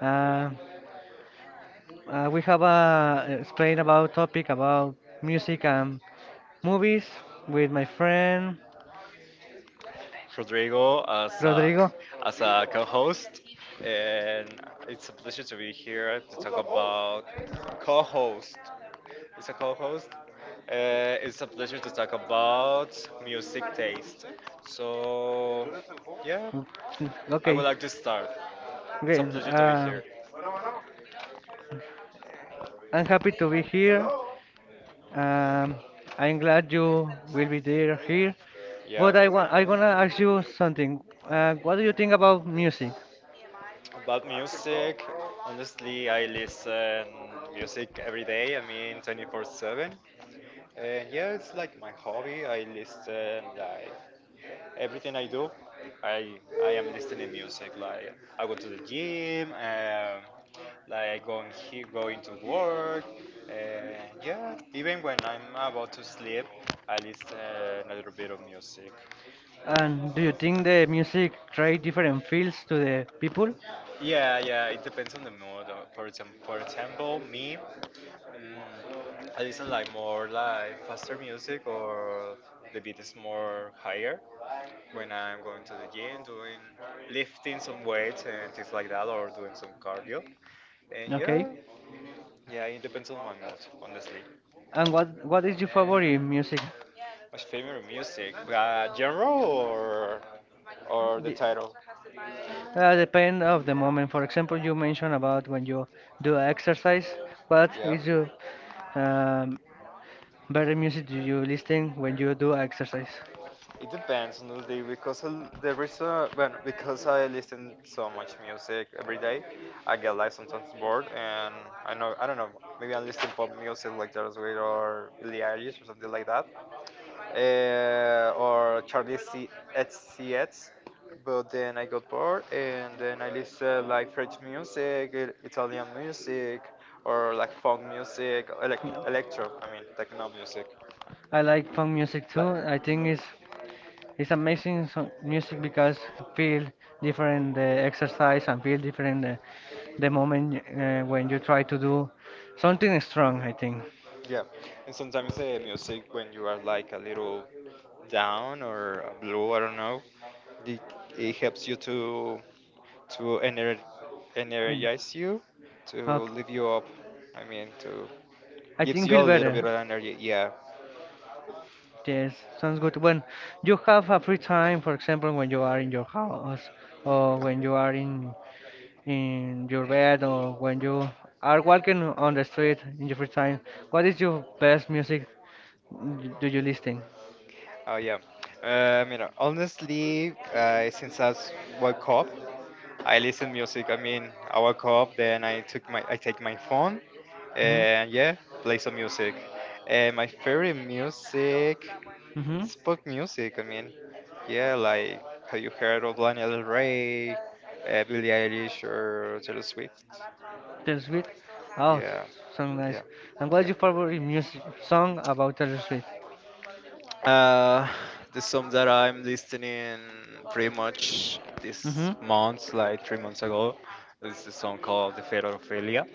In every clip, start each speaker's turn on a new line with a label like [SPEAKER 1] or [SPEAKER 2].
[SPEAKER 1] Uh, we have a explain about topic about music and movies with my friend
[SPEAKER 2] Rodrigo
[SPEAKER 1] Rodrigo.
[SPEAKER 2] as a co host, and it's a pleasure to be here to talk about co host. It's a co host. It's a pleasure to talk about music taste. So, yeah, I would
[SPEAKER 1] Okay,
[SPEAKER 2] like to start. It's a
[SPEAKER 1] okay.
[SPEAKER 2] pleasure to be here.
[SPEAKER 1] I'm happy to be here. Um, I'm glad you will be there here.
[SPEAKER 2] Yeah,
[SPEAKER 1] But I wanna ask you something. What do you think about music?
[SPEAKER 2] about music. Honestly, I listen music every day. I mean, 24/7. And yeah, it's like my hobby. I listen like everything I do. I am listening music. Like I go to the gym. Like going to work. And yeah, even when I'm about to sleep, I listen a little bit of music.
[SPEAKER 1] And do you think the music create different feels to the people?
[SPEAKER 2] Yeah, yeah, it depends on the mood. For example, me, mm, I listen like more like faster music or the beat is more higher. When I'm going to the gym, doing lifting some weights and things like that, or doing some cardio. And
[SPEAKER 1] Okay.
[SPEAKER 2] yeah, yeah, it depends on my mood, honestly.
[SPEAKER 1] And what is your favorite music?
[SPEAKER 2] My favorite music, but genre or the
[SPEAKER 1] D-
[SPEAKER 2] title?
[SPEAKER 1] Depend of the moment. For example, you mentioned about when you do exercise. What
[SPEAKER 2] Yeah.
[SPEAKER 1] is your um, better music do you listen when you do exercise?
[SPEAKER 2] It depends on the day because I'll- there is a well because I listen so much music every day, I get like sometimes bored and I don't know maybe I'm listening pop music like Taylor Swift or Billie Eilish or something like that, or Charlie C XCX. But then I got bored and then I listen like French music, Italian music, or like funk music,
[SPEAKER 1] Yeah.
[SPEAKER 2] electro. I mean techno music,
[SPEAKER 1] I like punk music
[SPEAKER 2] like.
[SPEAKER 1] too. I think it's amazing so music because feel different the exercise and feel different the moment when you try to do something strong. I think.
[SPEAKER 2] Yeah, and sometimes the music when you are like a little down or blue, I don't know, it, it helps you to
[SPEAKER 1] And,
[SPEAKER 2] energize you, to
[SPEAKER 1] okay.
[SPEAKER 2] lift you up. I mean, to
[SPEAKER 1] I
[SPEAKER 2] Gives
[SPEAKER 1] think
[SPEAKER 2] you a
[SPEAKER 1] feel
[SPEAKER 2] little bit
[SPEAKER 1] better.
[SPEAKER 2] of energy. Yeah.
[SPEAKER 1] Yes, sounds good. When you have a free time, for example, when you are in your house or when you are in your bed or when you are walking on the street in your free time, what is your best music do you listen?
[SPEAKER 2] Oh yeah. You know, honestly, since I woke up, I listen music. I mean, I wake up, then I take my phone,
[SPEAKER 1] Mm-hmm.
[SPEAKER 2] and yeah, play some music. And my favorite music,
[SPEAKER 1] Mm-hmm.
[SPEAKER 2] it's pop music. I mean, yeah, like have you heard of Lana Del Rey, Billie Eilish, or Taylor Swift?
[SPEAKER 1] Taylor Swift. Oh,
[SPEAKER 2] Yeah,
[SPEAKER 1] so
[SPEAKER 2] yeah,
[SPEAKER 1] nice. And what's
[SPEAKER 2] yeah.
[SPEAKER 1] your favorite music song about Taylor Swift?
[SPEAKER 2] Uh, the song that I'm listening pretty much
[SPEAKER 1] Mm-hmm.
[SPEAKER 2] this month, like 3 months ago, is a song called "The Fate of Ophelia."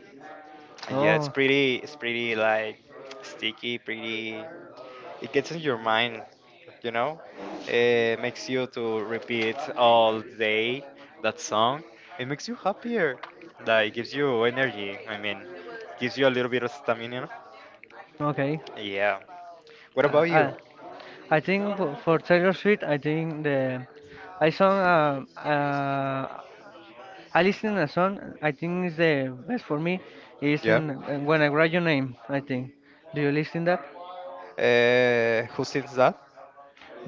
[SPEAKER 2] And yeah,
[SPEAKER 1] Oh,
[SPEAKER 2] it's pretty like sticky, pretty it gets in your mind, you know? It makes you to repeat all day that song. It makes you happier. Like gives you energy. I mean, gives you a little bit of stamina.
[SPEAKER 1] okay.
[SPEAKER 2] Yeah. What about
[SPEAKER 1] Uh,
[SPEAKER 2] you?
[SPEAKER 1] I, I think for Taylor Swift, I think the I song I listen a song. I think is the best for me is
[SPEAKER 2] Yeah.
[SPEAKER 1] in when I write your name. I think. Do you listen that?
[SPEAKER 2] Who sings that?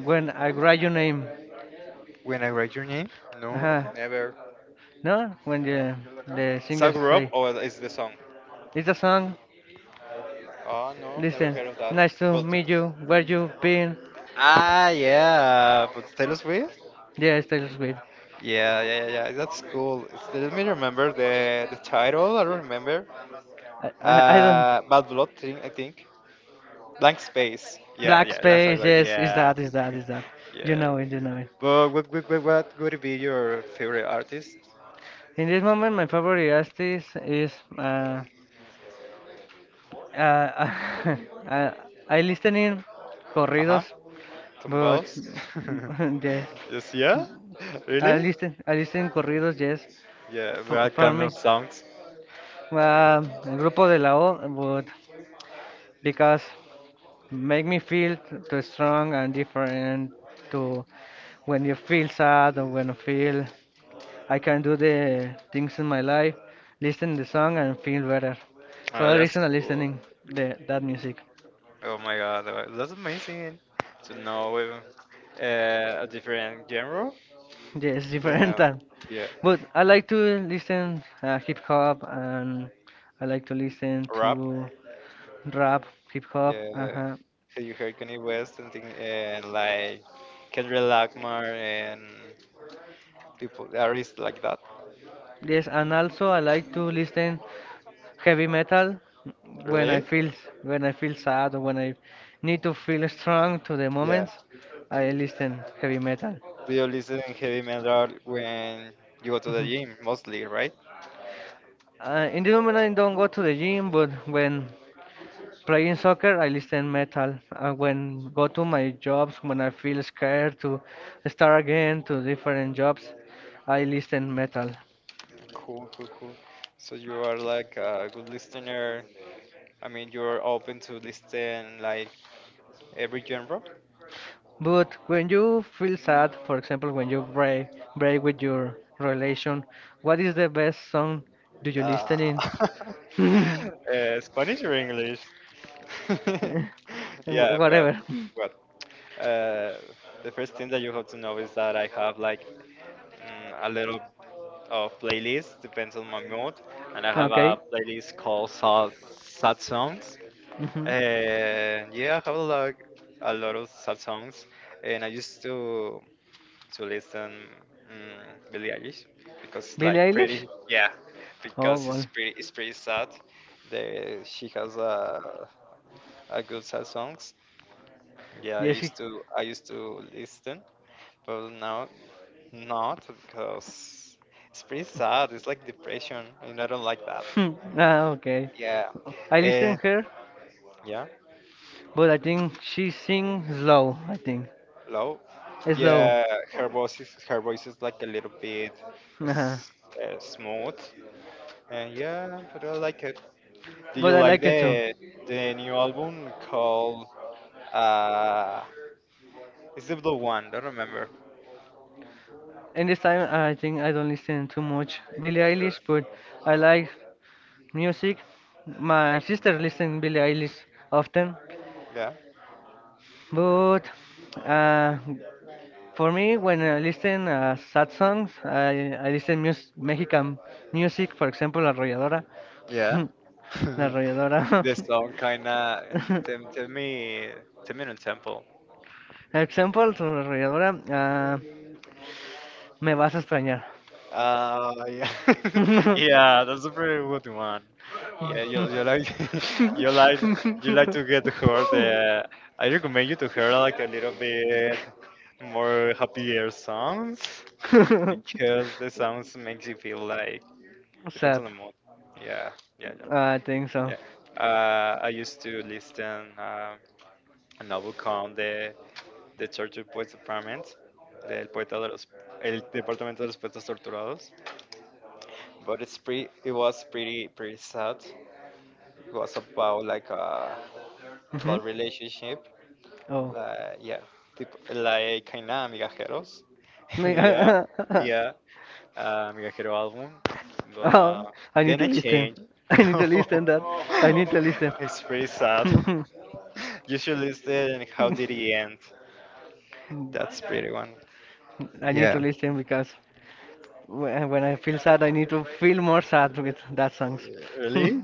[SPEAKER 1] When I write your name.
[SPEAKER 2] When I write your name? No,
[SPEAKER 1] Uh-huh.
[SPEAKER 2] never.
[SPEAKER 1] No, when
[SPEAKER 2] No.
[SPEAKER 1] the singers
[SPEAKER 2] Sagrub
[SPEAKER 1] say
[SPEAKER 2] or is the song?
[SPEAKER 1] it's a song.
[SPEAKER 2] Oh no, never
[SPEAKER 1] Listen,
[SPEAKER 2] heard of that.
[SPEAKER 1] nice to
[SPEAKER 2] But
[SPEAKER 1] meet you. Where you been?
[SPEAKER 2] ah, yeah. But Taylor Swift?
[SPEAKER 1] Yes, Taylor Swift.
[SPEAKER 2] Yeah, yeah, yeah, yeah, that's cool. It's- Let me remember the title. I don't remember.
[SPEAKER 1] I don't.
[SPEAKER 2] Bad Blood thing, I think. Blank Space. Yeah,
[SPEAKER 1] Black
[SPEAKER 2] yeah. That's
[SPEAKER 1] Space,
[SPEAKER 2] like
[SPEAKER 1] yes, is
[SPEAKER 2] yeah,
[SPEAKER 1] that, is that, is that. You
[SPEAKER 2] yeah.
[SPEAKER 1] know it, you know it.
[SPEAKER 2] But what would be your favorite artist?
[SPEAKER 1] In this moment, my favorite artist is. Uh, I, I listening
[SPEAKER 2] Uh huh.
[SPEAKER 1] corridos, but
[SPEAKER 2] Tombaos.
[SPEAKER 1] yes.
[SPEAKER 2] Just yeah.
[SPEAKER 1] I
[SPEAKER 2] Really?
[SPEAKER 1] listen, I listen corridos, yes,
[SPEAKER 2] Yeah. But
[SPEAKER 1] for,
[SPEAKER 2] I
[SPEAKER 1] for
[SPEAKER 2] can know
[SPEAKER 1] me.
[SPEAKER 2] songs.
[SPEAKER 1] Um, Grupo de la O, but because make me feel too strong and different to When you feel sad or when you feel I can do the things in my life, listen the song and feel better. For a
[SPEAKER 2] That's
[SPEAKER 1] reason, I
[SPEAKER 2] cool.
[SPEAKER 1] listening the that music.
[SPEAKER 2] Oh my god, that's amazing to know a different genre.
[SPEAKER 1] Yes, different
[SPEAKER 2] Yeah,
[SPEAKER 1] than.
[SPEAKER 2] yeah,
[SPEAKER 1] But I like to listen hip hop and I like to listen to
[SPEAKER 2] rap.
[SPEAKER 1] rap, hip hop.
[SPEAKER 2] Yeah,
[SPEAKER 1] Uh-huh.
[SPEAKER 2] so you heard Kanye West and thing, and like Kendrick Lamar and people artists like that.
[SPEAKER 1] Yes, and also I like to listen heavy metal when
[SPEAKER 2] Really?
[SPEAKER 1] I feel sad or when I need to feel strong to the
[SPEAKER 2] Yeah.
[SPEAKER 1] moments. I listen heavy metal.
[SPEAKER 2] Do you listen to heavy metal when you go to the
[SPEAKER 1] Mhm.
[SPEAKER 2] gym mostly, right?
[SPEAKER 1] In the moment, I don't go to the gym, but when playing soccer, I listen metal. When go to my jobs, when I feel scared to start again to different jobs, I listen metal.
[SPEAKER 2] Cool, cool, cool. So you are like a good listener. I mean, you're open to listen like every genre.
[SPEAKER 1] But when you feel sad, for example, when you break with your relation, what is the best song do you
[SPEAKER 2] Uh,
[SPEAKER 1] listen in?
[SPEAKER 2] Spanish or English? yeah,
[SPEAKER 1] Whatever.
[SPEAKER 2] but Uh, the first thing that you have to know is that I have like a little of playlist depends on my mood, and I have
[SPEAKER 1] Okay.
[SPEAKER 2] a playlist called sad, sad songs.
[SPEAKER 1] Hmm.
[SPEAKER 2] And yeah, I have like a lot of sad songs, and I used to listen Billie Eilish because it's
[SPEAKER 1] Billie
[SPEAKER 2] like pretty,
[SPEAKER 1] Eilish?
[SPEAKER 2] yeah,
[SPEAKER 1] Oh
[SPEAKER 2] because
[SPEAKER 1] well.
[SPEAKER 2] it's pretty sad. She has a good sad songs. Yeah,
[SPEAKER 1] Yes.
[SPEAKER 2] I used to listen, but now not because it's pretty sad. It's like depression, and I don't like that.
[SPEAKER 1] Hmm, ah, okay.
[SPEAKER 2] Yeah,
[SPEAKER 1] I listen
[SPEAKER 2] and
[SPEAKER 1] her,
[SPEAKER 2] yeah,
[SPEAKER 1] but I think she sing slow. I think
[SPEAKER 2] low.
[SPEAKER 1] slow.
[SPEAKER 2] Yeah, her voice is like a little bit
[SPEAKER 1] Uh-huh.
[SPEAKER 2] s- smooth, and yeah, but I like it. Do
[SPEAKER 1] But
[SPEAKER 2] you
[SPEAKER 1] I
[SPEAKER 2] like
[SPEAKER 1] like it too.
[SPEAKER 2] the new album called uh? Is it the one? I don't remember.
[SPEAKER 1] And this time, I think I don't listen too much Billie
[SPEAKER 2] Really?
[SPEAKER 1] Eilish, but I like music. My sister listen Billie Eilish often,
[SPEAKER 2] Yeah.
[SPEAKER 1] but uh, for me, when I listen sad songs, I listen mus Mexican music, for example, Arrolladora.
[SPEAKER 2] Yeah.
[SPEAKER 1] la arrolladora.
[SPEAKER 2] the song kinda. Tem- Tell me, tell me in temple.
[SPEAKER 1] Example, su arrolladora. Me vas a extrañar.
[SPEAKER 2] Yeah, yeah, that's a pretty good one. Yeah, you like you like to get her the. I recommend you to hear like a little bit more happier songs because the sounds makes you feel like depends
[SPEAKER 1] Sad.
[SPEAKER 2] on the mood. Yeah, yeah,
[SPEAKER 1] I think so.
[SPEAKER 2] yeah, yeah. I used to listen a novel called the Tortured Poets Department, del poeta de los el departamento de los poetas torturados. But it was pretty sad. It was about like a
[SPEAKER 1] Mhm.
[SPEAKER 2] about relationship,
[SPEAKER 1] Oh.
[SPEAKER 2] like yeah tipo, like kind of migajeros,
[SPEAKER 1] Me-
[SPEAKER 2] yeah, yeah, migajero album,
[SPEAKER 1] oh.
[SPEAKER 2] but
[SPEAKER 1] I need
[SPEAKER 2] then
[SPEAKER 1] to
[SPEAKER 2] I
[SPEAKER 1] listen.
[SPEAKER 2] changed,
[SPEAKER 1] I need to
[SPEAKER 2] no.
[SPEAKER 1] listen that. I need to listen.
[SPEAKER 2] it's pretty sad. You should listen. How did it end, that's pretty one.
[SPEAKER 1] I need to
[SPEAKER 2] Yeah
[SPEAKER 1] listen because When I feel sad, I need to feel more sad with that songs.
[SPEAKER 2] really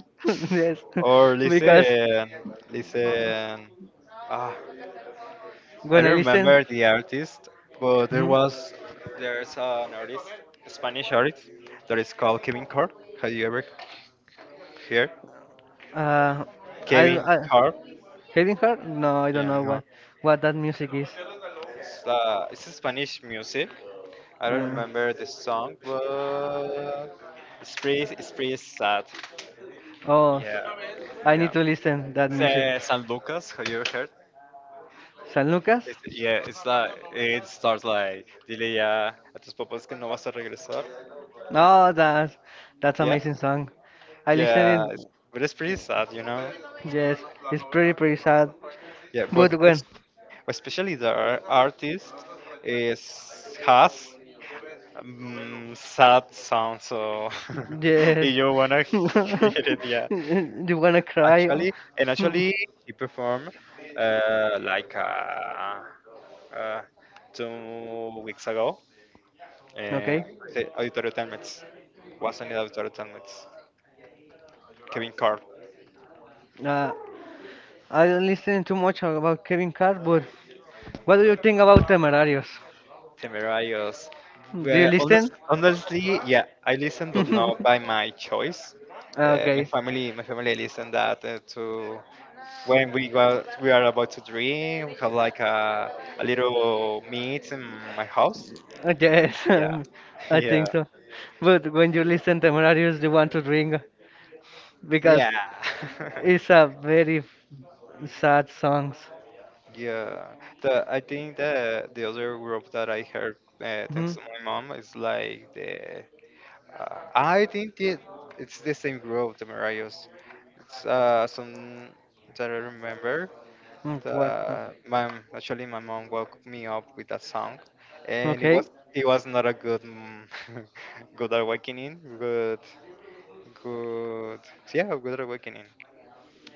[SPEAKER 1] Yes,
[SPEAKER 2] or
[SPEAKER 1] because
[SPEAKER 2] listen listen ah I
[SPEAKER 1] when I
[SPEAKER 2] don't
[SPEAKER 1] listen,
[SPEAKER 2] remember the artist, but
[SPEAKER 1] Mhm.
[SPEAKER 2] there's an artist, a Spanish artist, that is called Kevin Carr. Have you ever heard
[SPEAKER 1] uh, I,
[SPEAKER 2] Kevin
[SPEAKER 1] I
[SPEAKER 2] Carr?
[SPEAKER 1] Hidden Heart? No, I don't
[SPEAKER 2] Yeah,
[SPEAKER 1] know
[SPEAKER 2] no.
[SPEAKER 1] what that music is.
[SPEAKER 2] It's a Spanish music. I don't
[SPEAKER 1] Uh,
[SPEAKER 2] remember the song, but it's pretty sad.
[SPEAKER 1] oh,
[SPEAKER 2] Yeah,
[SPEAKER 1] I need
[SPEAKER 2] yeah.
[SPEAKER 1] to listen that
[SPEAKER 2] It's,
[SPEAKER 1] music.
[SPEAKER 2] San Lucas, have you heard?
[SPEAKER 1] San Lucas?
[SPEAKER 2] It's, yeah, it's like, it starts like, dile ya a tus papás que no vas a regresar.
[SPEAKER 1] Oh, that's
[SPEAKER 2] Yeah,
[SPEAKER 1] amazing song. I listen it.
[SPEAKER 2] yeah, it's, but it's pretty sad, you know.
[SPEAKER 1] Yes, it's pretty pretty sad.
[SPEAKER 2] Yeah, but
[SPEAKER 1] But when
[SPEAKER 2] it's especially the artist is has sad sound, so if
[SPEAKER 1] yes,
[SPEAKER 2] you wanna hear it, yeah.
[SPEAKER 1] You wanna cry?
[SPEAKER 2] And
[SPEAKER 1] Hmm,
[SPEAKER 2] actually, he performed like uh, 2 weeks ago. Uh,
[SPEAKER 1] okay.
[SPEAKER 2] Auditorio Telmets was in the Auditorio Telmets. Kevin Carr.
[SPEAKER 1] Uh, I don't listen too much about Kevin Carr, but what do you think about Temerarios?
[SPEAKER 2] Temerarios.
[SPEAKER 1] Do you
[SPEAKER 2] Well,
[SPEAKER 1] listen?
[SPEAKER 2] honestly, yeah, I listen, but not by my choice.
[SPEAKER 1] Okay.
[SPEAKER 2] My family listen that to when we go, we are about to drink. We have like a little meet in my house.
[SPEAKER 1] Yes,
[SPEAKER 2] Yeah,
[SPEAKER 1] I
[SPEAKER 2] yeah,
[SPEAKER 1] think so. But when you listen Temerarios, you want to drink because
[SPEAKER 2] yeah,
[SPEAKER 1] it's a very sad songs.
[SPEAKER 2] yeah. The I think the other group that I heard thanks
[SPEAKER 1] Mhm.
[SPEAKER 2] to my mom is like the I think it's the same group, Temerarios. Some that I remember.
[SPEAKER 1] Mm, wha-
[SPEAKER 2] The, my Actually my mom woke me up with that song, and
[SPEAKER 1] Okay.
[SPEAKER 2] it was not a good good awakening. Good good Yeah good awakening.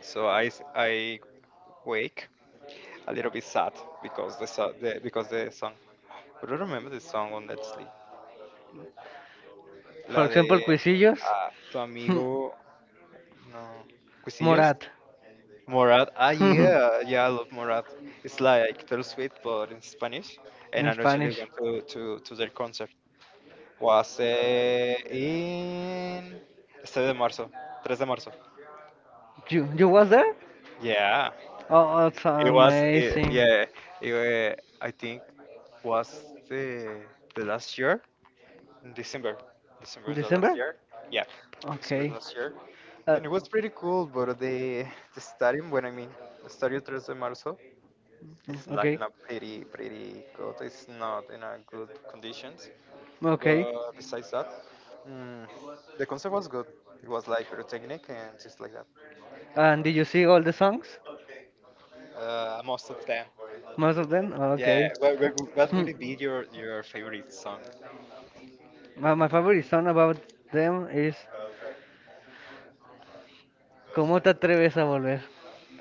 [SPEAKER 2] So I wake a little bit sad because the, so- the because the song. But I remember the song on honestly.
[SPEAKER 1] For
[SPEAKER 2] La
[SPEAKER 1] example,
[SPEAKER 2] de
[SPEAKER 1] Cuisillos,
[SPEAKER 2] ah, tu amigo no. Cuisillos
[SPEAKER 1] Morat.
[SPEAKER 2] Morat. Ah, yeah, yeah, I love Morat. It's like Taylor Swift, but in Spanish. And
[SPEAKER 1] In
[SPEAKER 2] I actually
[SPEAKER 1] Spanish.
[SPEAKER 2] went to their concert. Was eh, in Estadio de Marzo, 3 de Marzo.
[SPEAKER 1] You was there?
[SPEAKER 2] Yeah,
[SPEAKER 1] Oh, it's
[SPEAKER 2] it was. It,
[SPEAKER 1] amazing.
[SPEAKER 2] yeah, it, eh, I think was the last year, in December. December the last
[SPEAKER 1] December?
[SPEAKER 2] year. Yeah, December
[SPEAKER 1] Okay.
[SPEAKER 2] last year,
[SPEAKER 1] Uh,
[SPEAKER 2] and it was pretty cool. But the stadium, when I mean Estadio 3 de Marzo, it's like
[SPEAKER 1] okay.
[SPEAKER 2] not pretty, pretty good. It's not in a good conditions.
[SPEAKER 1] Okay.
[SPEAKER 2] But besides that, mm, the concept was good. It was like pyrotechnic and things like that.
[SPEAKER 1] And did you see all the songs?
[SPEAKER 2] Most of them.
[SPEAKER 1] Most of them?
[SPEAKER 2] Yeah.
[SPEAKER 1] Okay.
[SPEAKER 2] What
[SPEAKER 1] Hmm.
[SPEAKER 2] would it be your favorite song?
[SPEAKER 1] My favorite song about them is ¿Cómo te atreves a volver?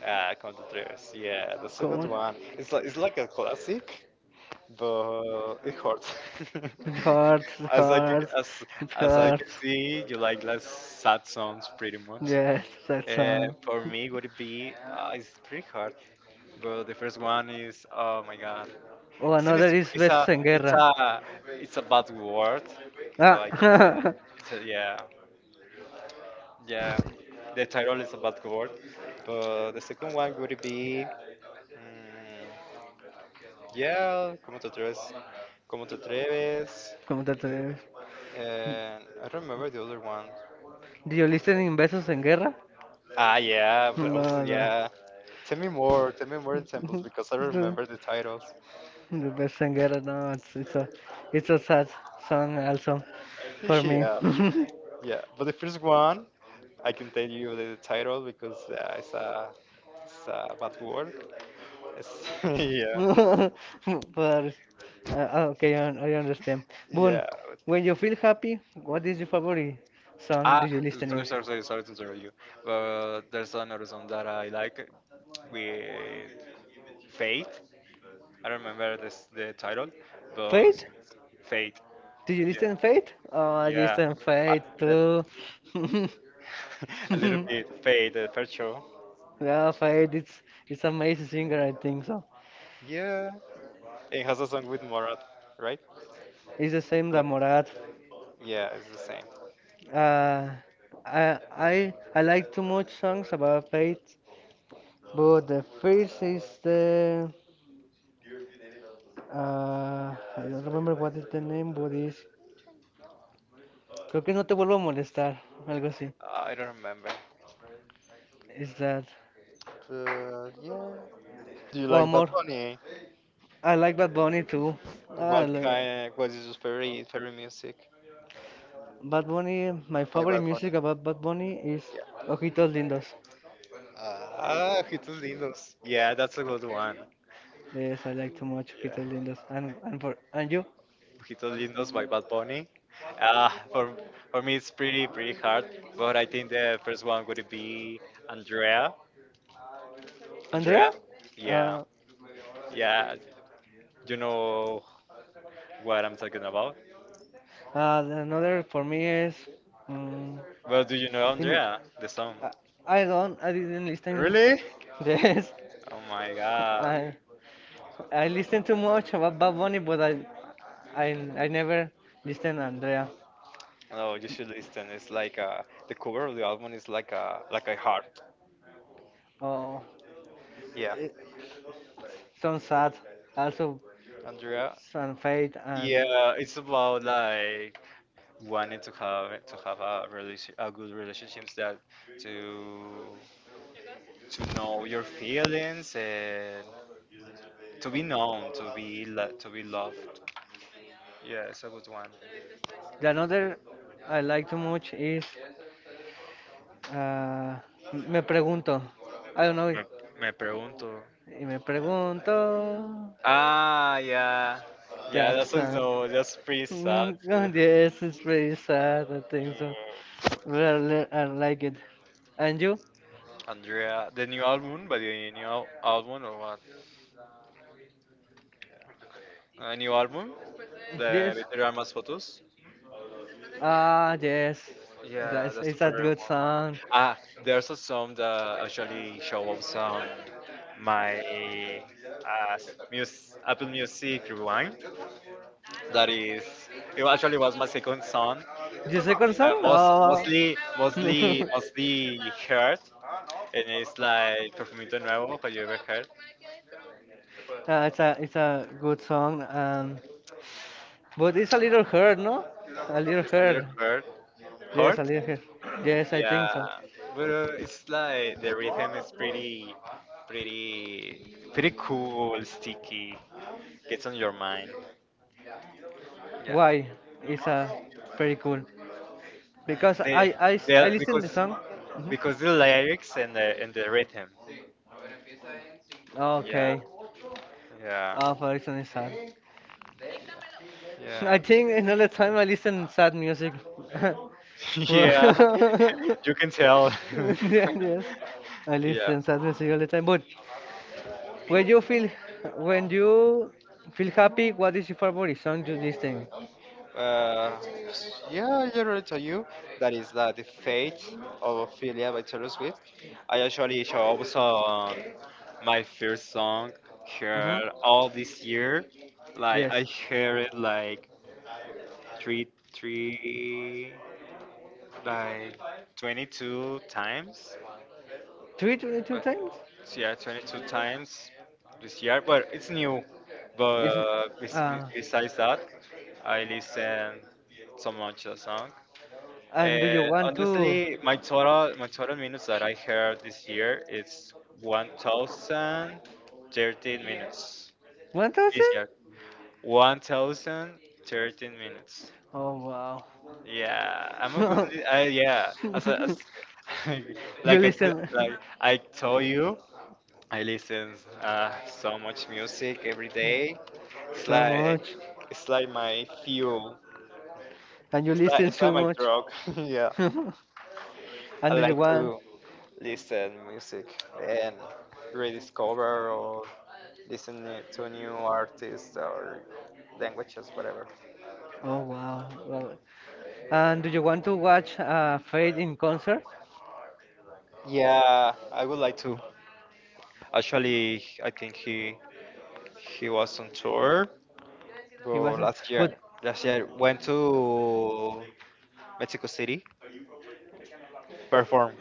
[SPEAKER 2] Ah, Conductors. Yeah, that's a good
[SPEAKER 1] ¿Cómo?
[SPEAKER 2] one. It's like a classic, but it hurts.
[SPEAKER 1] It hurts, it
[SPEAKER 2] as I can,
[SPEAKER 1] hurts, it
[SPEAKER 2] as I can
[SPEAKER 1] hurts.
[SPEAKER 2] see, you like less sad songs pretty much.
[SPEAKER 1] Yes, that song.
[SPEAKER 2] For me, would it be? It's pretty hard. But the first one is, oh my god,
[SPEAKER 1] Oh, another is
[SPEAKER 2] it's a
[SPEAKER 1] Besos en
[SPEAKER 2] it's
[SPEAKER 1] Guerra.
[SPEAKER 2] a it's a bad word, so
[SPEAKER 1] Ah,
[SPEAKER 2] I can say it's a, yeah yeah. The title is a bad word, but the second one would be, mm, yeah, ¿cómo te atreves? ¿Cómo te atreves?
[SPEAKER 1] ¿Cómo te atreves?
[SPEAKER 2] And I don't remember the other one.
[SPEAKER 1] Do you listen in Besos en Guerra?
[SPEAKER 2] Ah yeah, but also,
[SPEAKER 1] No, no.
[SPEAKER 2] yeah. Tell me more. Tell me more examples because I don't remember the titles.
[SPEAKER 1] The Besos en Guerra, no, it's a sad song also for me.
[SPEAKER 2] yeah. Yeah, but the first one I can tell you the title because it's a bad word. It's yeah
[SPEAKER 1] But okay, I understand. Boon,
[SPEAKER 2] yeah.
[SPEAKER 1] when you feel happy, what is your favorite song? Do
[SPEAKER 2] Ah,
[SPEAKER 1] you listen in
[SPEAKER 2] sorry to interrupt you. But there's another song that I like with Fate. I don't remember this the title, but it's
[SPEAKER 1] Fate?
[SPEAKER 2] Fate.
[SPEAKER 1] Do you
[SPEAKER 2] Yeah,
[SPEAKER 1] listen Fate? Oh, I
[SPEAKER 2] yeah.
[SPEAKER 1] listen
[SPEAKER 2] I
[SPEAKER 1] Fate
[SPEAKER 2] like that.
[SPEAKER 1] too.
[SPEAKER 2] a little bit Fate, the first show.
[SPEAKER 1] yeah, Fate, it's amazing singer, I think so.
[SPEAKER 2] Yeah, it has a song with Morat, right?
[SPEAKER 1] It's the same that
[SPEAKER 2] But
[SPEAKER 1] Morat.
[SPEAKER 2] yeah, it's the same.
[SPEAKER 1] Uh, I like too much songs about faith, but the first is the I don't remember what is the name, but is creo que no te vuelvo a molestar, algo así.
[SPEAKER 2] I don't remember.
[SPEAKER 1] Is that
[SPEAKER 2] Yeah. Do you
[SPEAKER 1] oh
[SPEAKER 2] like Bad
[SPEAKER 1] amor?
[SPEAKER 2] Bunny?
[SPEAKER 1] I like Bad Bunny too. I
[SPEAKER 2] What
[SPEAKER 1] li-
[SPEAKER 2] kind? What is your favorite music
[SPEAKER 1] Bad Bunny, my
[SPEAKER 2] by
[SPEAKER 1] favorite
[SPEAKER 2] Bad Bunny?
[SPEAKER 1] music about Bad Bunny is
[SPEAKER 2] Yeah.
[SPEAKER 1] Ojitos Lindos.
[SPEAKER 2] Ah, Ojitos Lindos. Yeah, that's a good one.
[SPEAKER 1] Yes, I like too much
[SPEAKER 2] Yeah.
[SPEAKER 1] Ojitos Lindos. And for and you,
[SPEAKER 2] Ojitos Lindos by Bad Bunny. Ah, for me it's pretty pretty hard, but I think the first one would be Andrea.
[SPEAKER 1] Andrea?
[SPEAKER 2] Andrea. Yeah,
[SPEAKER 1] Uh,
[SPEAKER 2] yeah. You know what I'm talking about.
[SPEAKER 1] Another for me is. mm,
[SPEAKER 2] Well, do you know
[SPEAKER 1] im-
[SPEAKER 2] Andrea, the song?
[SPEAKER 1] I don't. I didn't listen.
[SPEAKER 2] Really?
[SPEAKER 1] Yes,
[SPEAKER 2] Oh my God.
[SPEAKER 1] I I listen too much about Bad Bunny, but I never listen Andrea.
[SPEAKER 2] Oh, you should listen. It's like the cover of the album is like a heart.
[SPEAKER 1] Oh,
[SPEAKER 2] Yeah,
[SPEAKER 1] it, some sad. Also,
[SPEAKER 2] Andrea.
[SPEAKER 1] some fate and
[SPEAKER 2] Yeah, it's about like wanting to have a relation, a good relationships that to to know your feelings and to be known, to be to be loved. Yeah, it's a good one.
[SPEAKER 1] the another I like too much is uh, me pregunto. I don't know.
[SPEAKER 2] Me, me pregunto.
[SPEAKER 1] Y me pregunto.
[SPEAKER 2] Ah, yeah, yeah.
[SPEAKER 1] That
[SPEAKER 2] That's
[SPEAKER 1] song.
[SPEAKER 2] also that's pretty sad
[SPEAKER 1] Oh,
[SPEAKER 2] too.
[SPEAKER 1] yes, it's very sad. I think so. Well, I like it. And you?
[SPEAKER 2] Andrea, the new album, but the album or what? A new album, the
[SPEAKER 1] Yes.
[SPEAKER 2] Victoria Armas photos.
[SPEAKER 1] Ah, yes.
[SPEAKER 2] Yeah,
[SPEAKER 1] That's
[SPEAKER 2] that's the
[SPEAKER 1] It's a
[SPEAKER 2] favorite
[SPEAKER 1] good
[SPEAKER 2] one.
[SPEAKER 1] song.
[SPEAKER 2] Ah, there's a song that actually shows up on my uh, Apple Music Rewind. That is, it actually was my second song,
[SPEAKER 1] You second song?
[SPEAKER 2] most
[SPEAKER 1] Oh.
[SPEAKER 2] mostly mostly mostly heard, and it's like Perfumito Nuevo. Have you ever heard?
[SPEAKER 1] Ah, it's a good song. But it's a little hard, no? A little
[SPEAKER 2] It's a little
[SPEAKER 1] hard.
[SPEAKER 2] hurt.
[SPEAKER 1] Yes,
[SPEAKER 2] Hurt?
[SPEAKER 1] a little hard. Yes, I
[SPEAKER 2] Yeah,
[SPEAKER 1] think so.
[SPEAKER 2] but it's like the rhythm is pretty cool, sticky. Gets on your mind. Yeah,
[SPEAKER 1] Why? It's a very cool. Because
[SPEAKER 2] they,
[SPEAKER 1] I
[SPEAKER 2] they
[SPEAKER 1] listen the song. Mhm.
[SPEAKER 2] because the lyrics and the rhythm. Yeah,
[SPEAKER 1] Okay.
[SPEAKER 2] yeah,
[SPEAKER 1] Oh, but it's sad.
[SPEAKER 2] yeah,
[SPEAKER 1] I think another time I listen sad music. Well,
[SPEAKER 2] yeah. You can tell.
[SPEAKER 1] yeah, yes. I
[SPEAKER 2] yeah.
[SPEAKER 1] listen sad music all the time. But when you feel when you feel happy, what is your favorite song to listen?
[SPEAKER 2] Uh, yeah, I already told you that the fate of Ophelia by Taylor Swift. I actually show up some my first song
[SPEAKER 1] Mm-hmm.
[SPEAKER 2] heard all this year. Like I
[SPEAKER 1] Yes.
[SPEAKER 2] heard it like three three like 22 times.
[SPEAKER 1] Three to two
[SPEAKER 2] But
[SPEAKER 1] times?
[SPEAKER 2] so yeah, 22 times this year. But it's new.
[SPEAKER 1] Is
[SPEAKER 2] But
[SPEAKER 1] uh
[SPEAKER 2] besides that, I listen so much a song.
[SPEAKER 1] and do you
[SPEAKER 2] Uh,
[SPEAKER 1] want to
[SPEAKER 2] honestly, my total minutes that I heard this year is 1,013 minutes
[SPEAKER 1] one
[SPEAKER 2] this
[SPEAKER 1] thousand?
[SPEAKER 2] year. 1013 minutes.
[SPEAKER 1] Oh wow.
[SPEAKER 2] Yeah, I'm a good. Li- I, yeah, as, a, as
[SPEAKER 1] You listen.
[SPEAKER 2] like I told you, I listen so much music every day. It's
[SPEAKER 1] So
[SPEAKER 2] like
[SPEAKER 1] much.
[SPEAKER 2] it's like my fuel.
[SPEAKER 1] And you listen
[SPEAKER 2] It's like
[SPEAKER 1] so
[SPEAKER 2] my
[SPEAKER 1] much.
[SPEAKER 2] drug. yeah,
[SPEAKER 1] And
[SPEAKER 2] I
[SPEAKER 1] do you
[SPEAKER 2] like
[SPEAKER 1] want?
[SPEAKER 2] to listen music and rediscover or listen to new artists or languages, whatever.
[SPEAKER 1] Oh, wow. Wow. And do you want to watch Fade in concert?
[SPEAKER 2] Yeah, I would like to. Actually, I think he was on tour,
[SPEAKER 1] He
[SPEAKER 2] well,
[SPEAKER 1] wasn't.
[SPEAKER 2] last year.
[SPEAKER 1] But,
[SPEAKER 2] Last year went to Mexico City perform.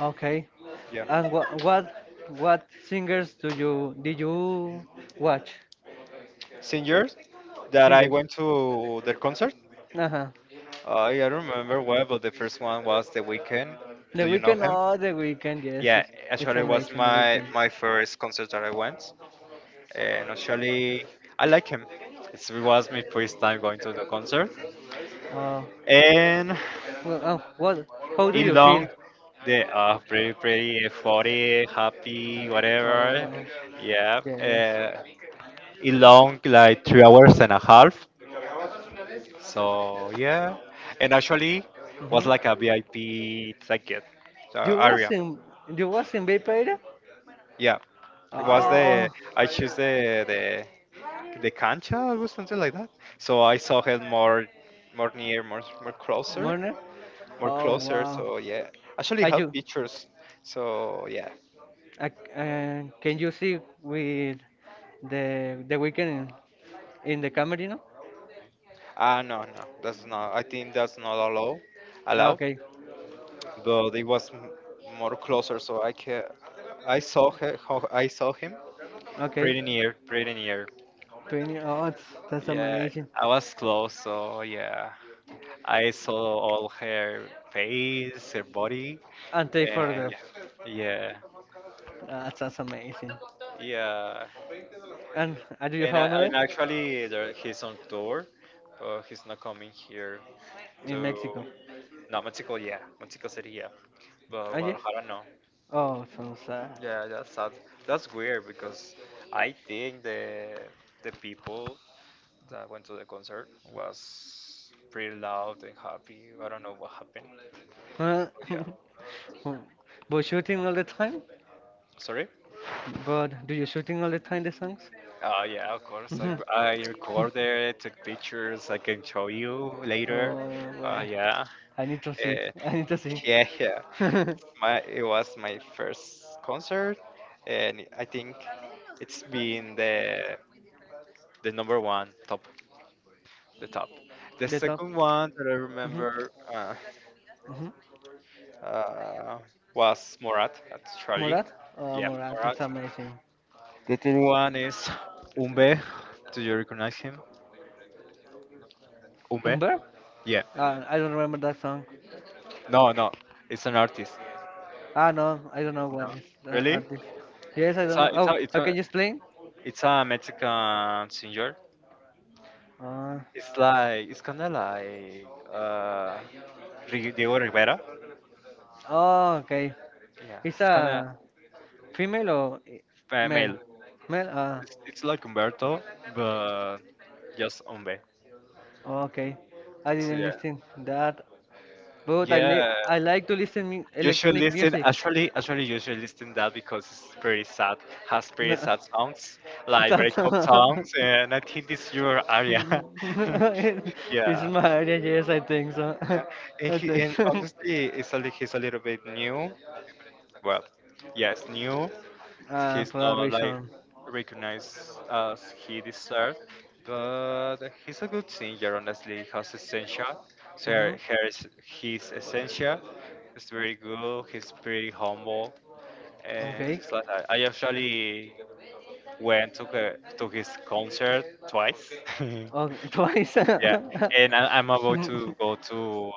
[SPEAKER 1] okay.
[SPEAKER 2] Yeah.
[SPEAKER 1] And what singers do you did you watch?
[SPEAKER 2] Singers that I
[SPEAKER 1] Singers.
[SPEAKER 2] went to their concert.
[SPEAKER 1] Uh-huh.
[SPEAKER 2] I don't remember where, but the first one was The Weeknd.
[SPEAKER 1] The
[SPEAKER 2] Do you know
[SPEAKER 1] Weekend.
[SPEAKER 2] him?
[SPEAKER 1] Oh, The Weekend. Yes,
[SPEAKER 2] Yeah,
[SPEAKER 1] it's
[SPEAKER 2] actually, it was
[SPEAKER 1] amazing. The
[SPEAKER 2] my
[SPEAKER 1] Weekend.
[SPEAKER 2] my first concert that I went, and actually, I like him. It's, it was my first time going to the concert,
[SPEAKER 1] Oh,
[SPEAKER 2] and
[SPEAKER 1] well, oh, what? How do
[SPEAKER 2] it
[SPEAKER 1] you feel?
[SPEAKER 2] long. They are pretty, pretty funny, happy, whatever.
[SPEAKER 1] Oh,
[SPEAKER 2] Yeah,
[SPEAKER 1] yes.
[SPEAKER 2] it long like 3 hours and a half. So yeah, and actually was
[SPEAKER 1] Mhm.
[SPEAKER 2] like a VIP ticket
[SPEAKER 1] You
[SPEAKER 2] area.
[SPEAKER 1] wasn't you wasn't vampire?
[SPEAKER 2] Yeah, it was the
[SPEAKER 1] Oh,
[SPEAKER 2] I choose the cancha or something like that. So I saw it more more near, more more closer,
[SPEAKER 1] Mona.
[SPEAKER 2] more
[SPEAKER 1] Oh
[SPEAKER 2] closer.
[SPEAKER 1] wow.
[SPEAKER 2] So yeah, actually
[SPEAKER 1] I
[SPEAKER 2] have
[SPEAKER 1] do.
[SPEAKER 2] pictures. So yeah.
[SPEAKER 1] Uh, can you see with the Weekend in the camera? You know?
[SPEAKER 2] Ah, no, that's not. I think that's not allowed.
[SPEAKER 1] Ah,
[SPEAKER 2] Allowed,
[SPEAKER 1] okay,
[SPEAKER 2] but it was more closer, so I can. I saw her. How I saw him
[SPEAKER 1] okay.
[SPEAKER 2] pretty near, pretty near.
[SPEAKER 1] 20. Oh, that's
[SPEAKER 2] Yeah,
[SPEAKER 1] amazing.
[SPEAKER 2] I was close, so yeah, I saw all her face, her body,
[SPEAKER 1] And take
[SPEAKER 2] and
[SPEAKER 1] photographs.
[SPEAKER 2] yeah, yeah,
[SPEAKER 1] Ah, That's amazing.
[SPEAKER 2] yeah.
[SPEAKER 1] And do you have another
[SPEAKER 2] And actually there, he's on tour, but he's not coming here
[SPEAKER 1] in
[SPEAKER 2] to
[SPEAKER 1] Mexico?
[SPEAKER 2] no Mexico, yeah, Mexico City, yeah, but
[SPEAKER 1] Ah yes.
[SPEAKER 2] Guadalajara no.
[SPEAKER 1] Oh, so sad.
[SPEAKER 2] Yeah, that's sad. That's weird because I think the people that went to the concert was pretty loud and happy. I don't know what happened.
[SPEAKER 1] Huh?
[SPEAKER 2] Yeah.
[SPEAKER 1] But shooting all the time?
[SPEAKER 2] Sorry?
[SPEAKER 1] But do you shooting all the time the songs?
[SPEAKER 2] Yeah, of course.
[SPEAKER 1] Mhm.
[SPEAKER 2] I recorded, took pictures. I can show you later.
[SPEAKER 1] Oh,
[SPEAKER 2] Uh,
[SPEAKER 1] well.
[SPEAKER 2] yeah.
[SPEAKER 1] I need to see.
[SPEAKER 2] Uh,
[SPEAKER 1] I need to see.
[SPEAKER 2] yeah. My it was my first concert, and I think it's been the number one top. The
[SPEAKER 1] The top.
[SPEAKER 2] second one that I
[SPEAKER 1] Hmm.
[SPEAKER 2] remember
[SPEAKER 1] Hmm.
[SPEAKER 2] uh, was Morat. That's Charlie.
[SPEAKER 1] Murat? Oh,
[SPEAKER 2] Yeah,
[SPEAKER 1] Murat,
[SPEAKER 2] Morat.
[SPEAKER 1] it's amazing.
[SPEAKER 2] The third one is Umbe. Do you recognize him? Umbe?
[SPEAKER 1] Umber?
[SPEAKER 2] Yeah.
[SPEAKER 1] I don't remember that song.
[SPEAKER 2] No, no. It's an artist.
[SPEAKER 1] Ah, no, I don't know what
[SPEAKER 2] No.
[SPEAKER 1] is
[SPEAKER 2] Really?
[SPEAKER 1] artist. Yes, I
[SPEAKER 2] It's
[SPEAKER 1] don't
[SPEAKER 2] a,
[SPEAKER 1] know. Oh, can you explain?
[SPEAKER 2] it's a Mexican singer.
[SPEAKER 1] Uh,
[SPEAKER 2] It's like it's kind of like Diego Rivera.
[SPEAKER 1] oh, okay.
[SPEAKER 2] Yeah,
[SPEAKER 1] It's
[SPEAKER 2] it's kind of
[SPEAKER 1] a female or male?
[SPEAKER 2] male.
[SPEAKER 1] Male? Ah,
[SPEAKER 2] It's like Humberto, but just Umbe.
[SPEAKER 1] oh, okay. I
[SPEAKER 2] It's,
[SPEAKER 1] didn't
[SPEAKER 2] yeah.
[SPEAKER 1] listen that, but
[SPEAKER 2] Yeah,
[SPEAKER 1] I like to listen mu
[SPEAKER 2] you should
[SPEAKER 1] electronic
[SPEAKER 2] listen.
[SPEAKER 1] music.
[SPEAKER 2] Actually, you should listen that because it's pretty sad. Has pretty
[SPEAKER 1] No,
[SPEAKER 2] sad songs like
[SPEAKER 1] That's
[SPEAKER 2] breakup songs, and I think this is your area.
[SPEAKER 1] It- it's
[SPEAKER 2] Yeah,
[SPEAKER 1] my idea. Yes, I think so. I think
[SPEAKER 2] and
[SPEAKER 1] so.
[SPEAKER 2] honestly, he's a little bit new. Well, yes, new. He's
[SPEAKER 1] For a
[SPEAKER 2] not like
[SPEAKER 1] reason.
[SPEAKER 2] recognized as he deserved, but he's a good singer. Honestly, he has essential. So
[SPEAKER 1] Hmm.
[SPEAKER 2] her, her, his essential. It's very good. He's pretty humble. And
[SPEAKER 1] Okay.
[SPEAKER 2] he's like, I actually went to to his concert twice. yeah,
[SPEAKER 1] Oh, twice.
[SPEAKER 2] and I'm about to go to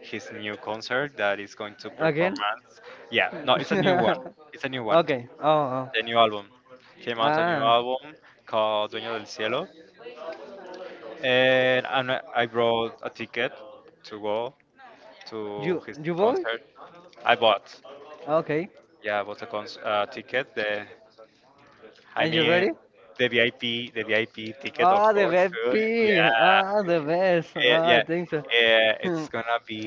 [SPEAKER 2] his new concert that is going to
[SPEAKER 1] Again?
[SPEAKER 2] performance. Yeah, no, it's a new one. It's a new one.
[SPEAKER 1] Okay. Oh, oh.
[SPEAKER 2] The new album came out a new
[SPEAKER 1] Ah,
[SPEAKER 2] album called Dueño del Cielo, and I'm, not- I brought a ticket to go to
[SPEAKER 1] you
[SPEAKER 2] his
[SPEAKER 1] you boy?
[SPEAKER 2] concert. I bought,
[SPEAKER 1] Okay.
[SPEAKER 2] yeah, I bought a ticket. I
[SPEAKER 1] And you
[SPEAKER 2] mean,
[SPEAKER 1] ready?
[SPEAKER 2] the VIP ticket, of
[SPEAKER 1] Ah, the
[SPEAKER 2] course, too.
[SPEAKER 1] VIP.
[SPEAKER 2] Yeah,
[SPEAKER 1] Ah, the best. Ah, I
[SPEAKER 2] yeah.
[SPEAKER 1] think so. Hmm.
[SPEAKER 2] It's gonna be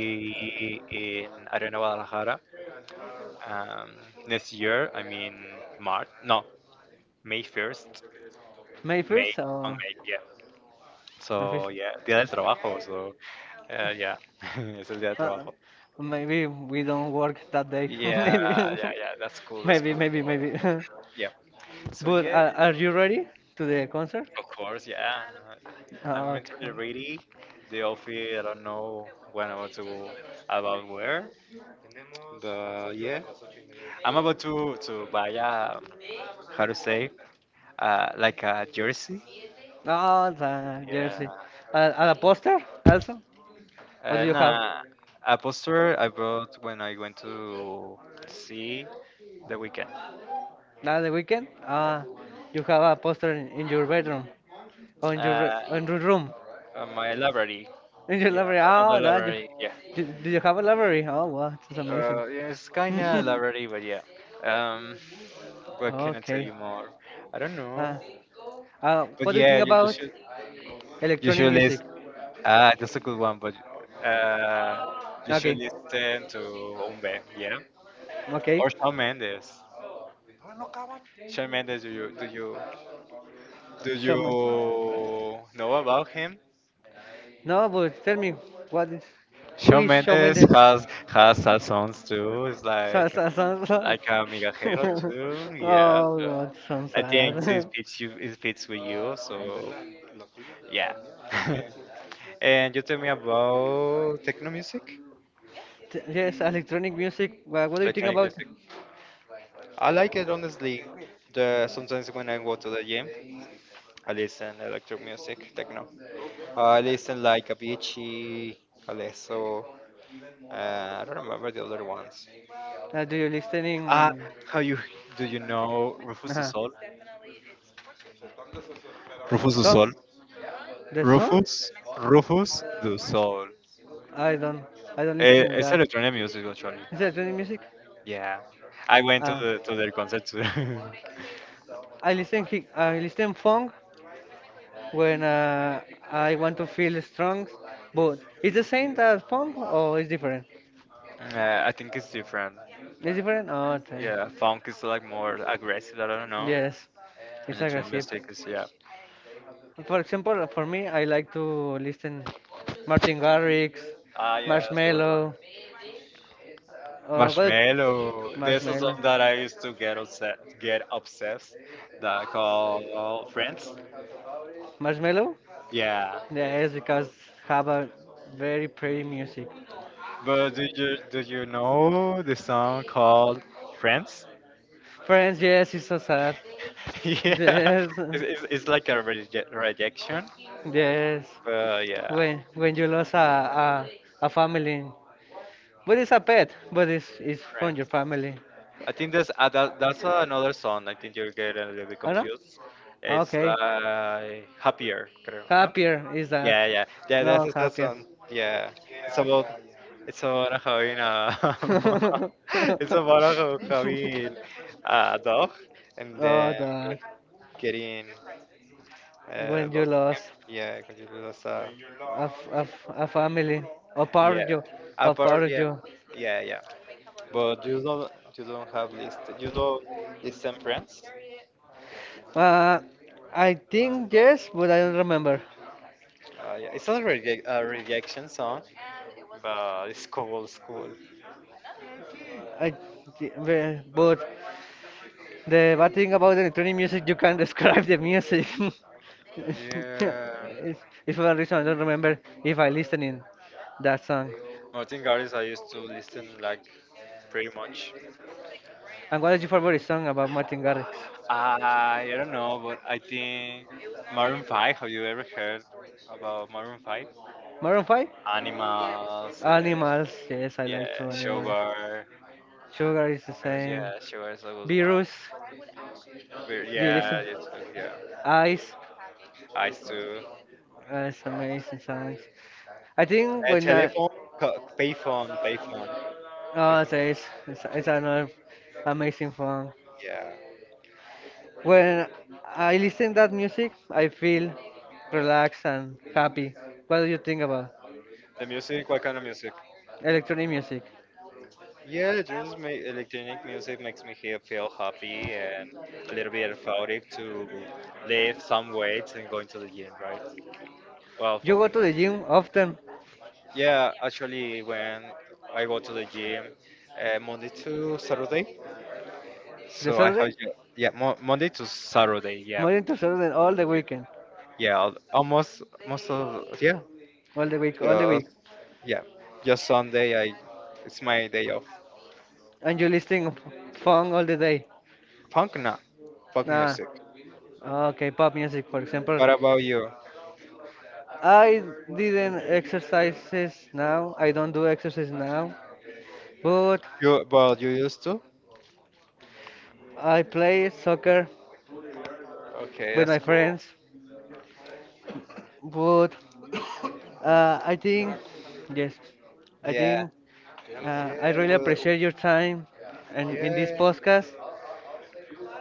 [SPEAKER 2] in Arena do Guadalajara um, next year. I mean, March. No, May 1st.
[SPEAKER 1] May
[SPEAKER 2] May
[SPEAKER 1] 1st
[SPEAKER 2] on
[SPEAKER 1] or
[SPEAKER 2] May. Yeah.
[SPEAKER 1] May
[SPEAKER 2] So
[SPEAKER 1] 1st?
[SPEAKER 2] yeah, Día del Trabajo. So yeah, es el Día del
[SPEAKER 1] Uh,
[SPEAKER 2] Trabajo.
[SPEAKER 1] Maybe we don't work that day.
[SPEAKER 2] Yeah,
[SPEAKER 1] Maybe.
[SPEAKER 2] yeah. That's cool. That's
[SPEAKER 1] Maybe,
[SPEAKER 2] cool.
[SPEAKER 1] maybe, maybe.
[SPEAKER 2] Yeah. So
[SPEAKER 1] But
[SPEAKER 2] yeah.
[SPEAKER 1] are you ready to the concert?
[SPEAKER 2] Of course, yeah. I'm
[SPEAKER 1] Ah,
[SPEAKER 2] mentally
[SPEAKER 1] okay.
[SPEAKER 2] ready. The outfit, I don't know when I'm about to go about where. But yeah, I'm about to buy a how to say like a jersey.
[SPEAKER 1] Ah, the
[SPEAKER 2] Yeah.
[SPEAKER 1] jersey. And a poster also? What do you have?
[SPEAKER 2] Nah, a poster I bought when I went to see the weekend.
[SPEAKER 1] Now the Weekend?
[SPEAKER 2] Yeah.
[SPEAKER 1] Ah, you have a poster in your bedroom,
[SPEAKER 2] Uh,
[SPEAKER 1] on your room.
[SPEAKER 2] on my library.
[SPEAKER 1] Did you
[SPEAKER 2] Yeah,
[SPEAKER 1] library?
[SPEAKER 2] on the
[SPEAKER 1] Oh, that you.
[SPEAKER 2] library. Yeah.
[SPEAKER 1] Did you have a library? Oh, wow, that's amazing.
[SPEAKER 2] Yeah, it's kind of library, but yeah. Um. What can I tell
[SPEAKER 1] Okay.
[SPEAKER 2] you more? I don't know.
[SPEAKER 1] Uh,
[SPEAKER 2] But
[SPEAKER 1] what do you
[SPEAKER 2] yeah,
[SPEAKER 1] think about
[SPEAKER 2] you
[SPEAKER 1] electronic
[SPEAKER 2] should
[SPEAKER 1] music?
[SPEAKER 2] listen. Ah, that's a good one. But uh, you should
[SPEAKER 1] Okay.
[SPEAKER 2] listen to Umbe, yeah,
[SPEAKER 1] Okay.
[SPEAKER 2] or Shawn Mendes. Shawn Mendes, do you do you do
[SPEAKER 1] Shawn.
[SPEAKER 2] you know about him?
[SPEAKER 1] No, but tell me, what is, who
[SPEAKER 2] Shawn
[SPEAKER 1] is Shawn
[SPEAKER 2] Mendes
[SPEAKER 1] Mendes?
[SPEAKER 2] has sad songs too. It's
[SPEAKER 1] Sa- sa- sa- sa-
[SPEAKER 2] like a migajero too.
[SPEAKER 1] oh
[SPEAKER 2] Yeah, so
[SPEAKER 1] God, so
[SPEAKER 2] I think it
[SPEAKER 1] sad.
[SPEAKER 2] fits you. It fits with you. So yeah. and you tell me about techno music.
[SPEAKER 1] Yes, electronic music. Well, what do you think
[SPEAKER 2] Electronic
[SPEAKER 1] about?
[SPEAKER 2] music. I like it honestly. The sometimes when I go to the gym, I listen electronic music, techno. I listen like Avicii, Alesso. I don't remember the other ones.
[SPEAKER 1] Do you listening?
[SPEAKER 2] Ah, how you do you know Rufus du
[SPEAKER 1] Uh-huh.
[SPEAKER 2] Sol? Rufus du
[SPEAKER 1] So,
[SPEAKER 2] Sol.
[SPEAKER 1] the song?
[SPEAKER 2] Rufus, Rufus du Sol.
[SPEAKER 1] I don't, I don't
[SPEAKER 2] Eh,
[SPEAKER 1] listening
[SPEAKER 2] es
[SPEAKER 1] that.
[SPEAKER 2] electronic music actually.
[SPEAKER 1] Is that any music?
[SPEAKER 2] Yeah, I went to
[SPEAKER 1] Uh,
[SPEAKER 2] the to their concert too.
[SPEAKER 1] I listen funk when I want to feel strong. But is the same that funk or is different?
[SPEAKER 2] I think it's different.
[SPEAKER 1] It's different. Oh, okay.
[SPEAKER 2] Yeah, funk is like more aggressive. I don't know.
[SPEAKER 1] Yes,
[SPEAKER 2] And
[SPEAKER 1] it's
[SPEAKER 2] the dream
[SPEAKER 1] aggressive.
[SPEAKER 2] music yeah.
[SPEAKER 1] For example, for me, I like to listen Martin Garrix,
[SPEAKER 2] Ah, yeah, that's a good one.
[SPEAKER 1] Marshmello. What?
[SPEAKER 2] Marshmallow. There's a song
[SPEAKER 1] Marshmello.
[SPEAKER 2] that I used to get upset, get obsessed, that called Friends.
[SPEAKER 1] Marshmello?
[SPEAKER 2] Yeah,
[SPEAKER 1] Yes, because have a very pretty music.
[SPEAKER 2] but do you know the song called Friends?
[SPEAKER 1] Friends, yes, it's so sad.
[SPEAKER 2] yeah,
[SPEAKER 1] Yes,
[SPEAKER 2] it's like a rejection.
[SPEAKER 1] yes.
[SPEAKER 2] But yeah,
[SPEAKER 1] When you lose a family, but it's a pet, but it's from your
[SPEAKER 2] Friends.
[SPEAKER 1] family.
[SPEAKER 2] I think there's that's another song. I think you're getting a little bit
[SPEAKER 1] Oh no?
[SPEAKER 2] confused. It's
[SPEAKER 1] Okay.
[SPEAKER 2] like happier, creo, ¿no?
[SPEAKER 1] Happier is that?
[SPEAKER 2] Yeah. That's
[SPEAKER 1] No,
[SPEAKER 2] that
[SPEAKER 1] happier.
[SPEAKER 2] song. Yeah, it's about it's about having a it's about having a dog and
[SPEAKER 1] Oh,
[SPEAKER 2] then
[SPEAKER 1] dog.
[SPEAKER 2] getting
[SPEAKER 1] When you
[SPEAKER 2] lost.
[SPEAKER 1] lost
[SPEAKER 2] Yeah, completely lost.
[SPEAKER 1] a family, a part
[SPEAKER 2] Yeah,
[SPEAKER 1] of you, a
[SPEAKER 2] apart.
[SPEAKER 1] part of
[SPEAKER 2] Yeah,
[SPEAKER 1] you.
[SPEAKER 2] yeah. But you don't have list you don't listen friends.
[SPEAKER 1] Uh, I think yes, but I don't remember.
[SPEAKER 2] Yeah, it's not a, a rejection song, but it's cool, it's cool.
[SPEAKER 1] I, but the bad thing about the electronic music, you can't describe the music.
[SPEAKER 2] Yeah.
[SPEAKER 1] It's- If for one reason I don't remember if I listening that song.
[SPEAKER 2] Martin Garrix, I used to listen like pretty much.
[SPEAKER 1] And what is your favorite song about Martin Garrix?
[SPEAKER 2] I don't know, but I think Maroon 5. Have you ever heard about Maroon 5?
[SPEAKER 1] Maroon 5?
[SPEAKER 2] Animals,
[SPEAKER 1] Animals, yes, I like
[SPEAKER 2] yeah,
[SPEAKER 1] two animals.
[SPEAKER 2] Sugar.
[SPEAKER 1] Sugar is the
[SPEAKER 2] Sugar,
[SPEAKER 1] same.
[SPEAKER 2] yeah, Sugar is a good one.
[SPEAKER 1] Virus,
[SPEAKER 2] But
[SPEAKER 1] do you
[SPEAKER 2] yeah,
[SPEAKER 1] listen?
[SPEAKER 2] yeah.
[SPEAKER 1] Eyes,
[SPEAKER 2] I used to.
[SPEAKER 1] that's amazing songs. I think
[SPEAKER 2] Uh,
[SPEAKER 1] when I,
[SPEAKER 2] telephone, co- payphone,
[SPEAKER 1] Oh, so
[SPEAKER 2] payphone.
[SPEAKER 1] it's another amazing fun.
[SPEAKER 2] Yeah.
[SPEAKER 1] When I listen that music, I feel relaxed and happy. What do you think about
[SPEAKER 2] The music, what kind of music?
[SPEAKER 1] electronic music?
[SPEAKER 2] Yeah, just make electronic music makes me feel happy and a little bit euphoric to lift some weights and going to the gym, right? Well,
[SPEAKER 1] You
[SPEAKER 2] for
[SPEAKER 1] go
[SPEAKER 2] me,
[SPEAKER 1] to the gym often,
[SPEAKER 2] yeah, actually, when I go to the gym, Monday to Saturday,
[SPEAKER 1] the
[SPEAKER 2] so I have
[SPEAKER 1] Saturday,
[SPEAKER 2] Monday to Saturday,
[SPEAKER 1] Monday, to Saturday, all the
[SPEAKER 2] yeah,
[SPEAKER 1] weekend,
[SPEAKER 2] yeah, almost most of
[SPEAKER 1] all the week, all the
[SPEAKER 2] just
[SPEAKER 1] week,
[SPEAKER 2] yeah, just Sunday. I it's my day of
[SPEAKER 1] and you listening funk all the day.
[SPEAKER 2] funk now, pop
[SPEAKER 1] Nah,
[SPEAKER 2] music.
[SPEAKER 1] okay, pop music, for example.
[SPEAKER 2] What about you?
[SPEAKER 1] I didn't exercises now. I don't do exercise now, but
[SPEAKER 2] You well, you used to?
[SPEAKER 1] I play soccer
[SPEAKER 2] Okay,
[SPEAKER 1] with
[SPEAKER 2] that's
[SPEAKER 1] my
[SPEAKER 2] cool.
[SPEAKER 1] friends. But I think, yes, I
[SPEAKER 2] Yeah,
[SPEAKER 1] think
[SPEAKER 2] yeah,
[SPEAKER 1] I really
[SPEAKER 2] well,
[SPEAKER 1] appreciate your time and in this
[SPEAKER 2] yeah,
[SPEAKER 1] podcast.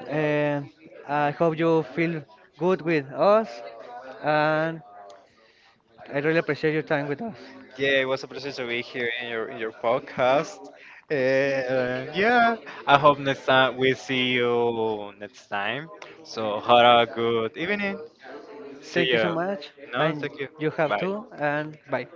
[SPEAKER 1] And I hope you feel good with us. And I really appreciate your time with us.
[SPEAKER 2] yeah. It was a pleasure to be here in your podcast. And yeah, I hope next time we see you next time. So have a good evening. See
[SPEAKER 1] Thank you so
[SPEAKER 2] you.
[SPEAKER 1] much.
[SPEAKER 2] No,
[SPEAKER 1] And
[SPEAKER 2] thank you.
[SPEAKER 1] you have
[SPEAKER 2] Bye.
[SPEAKER 1] too. And bye.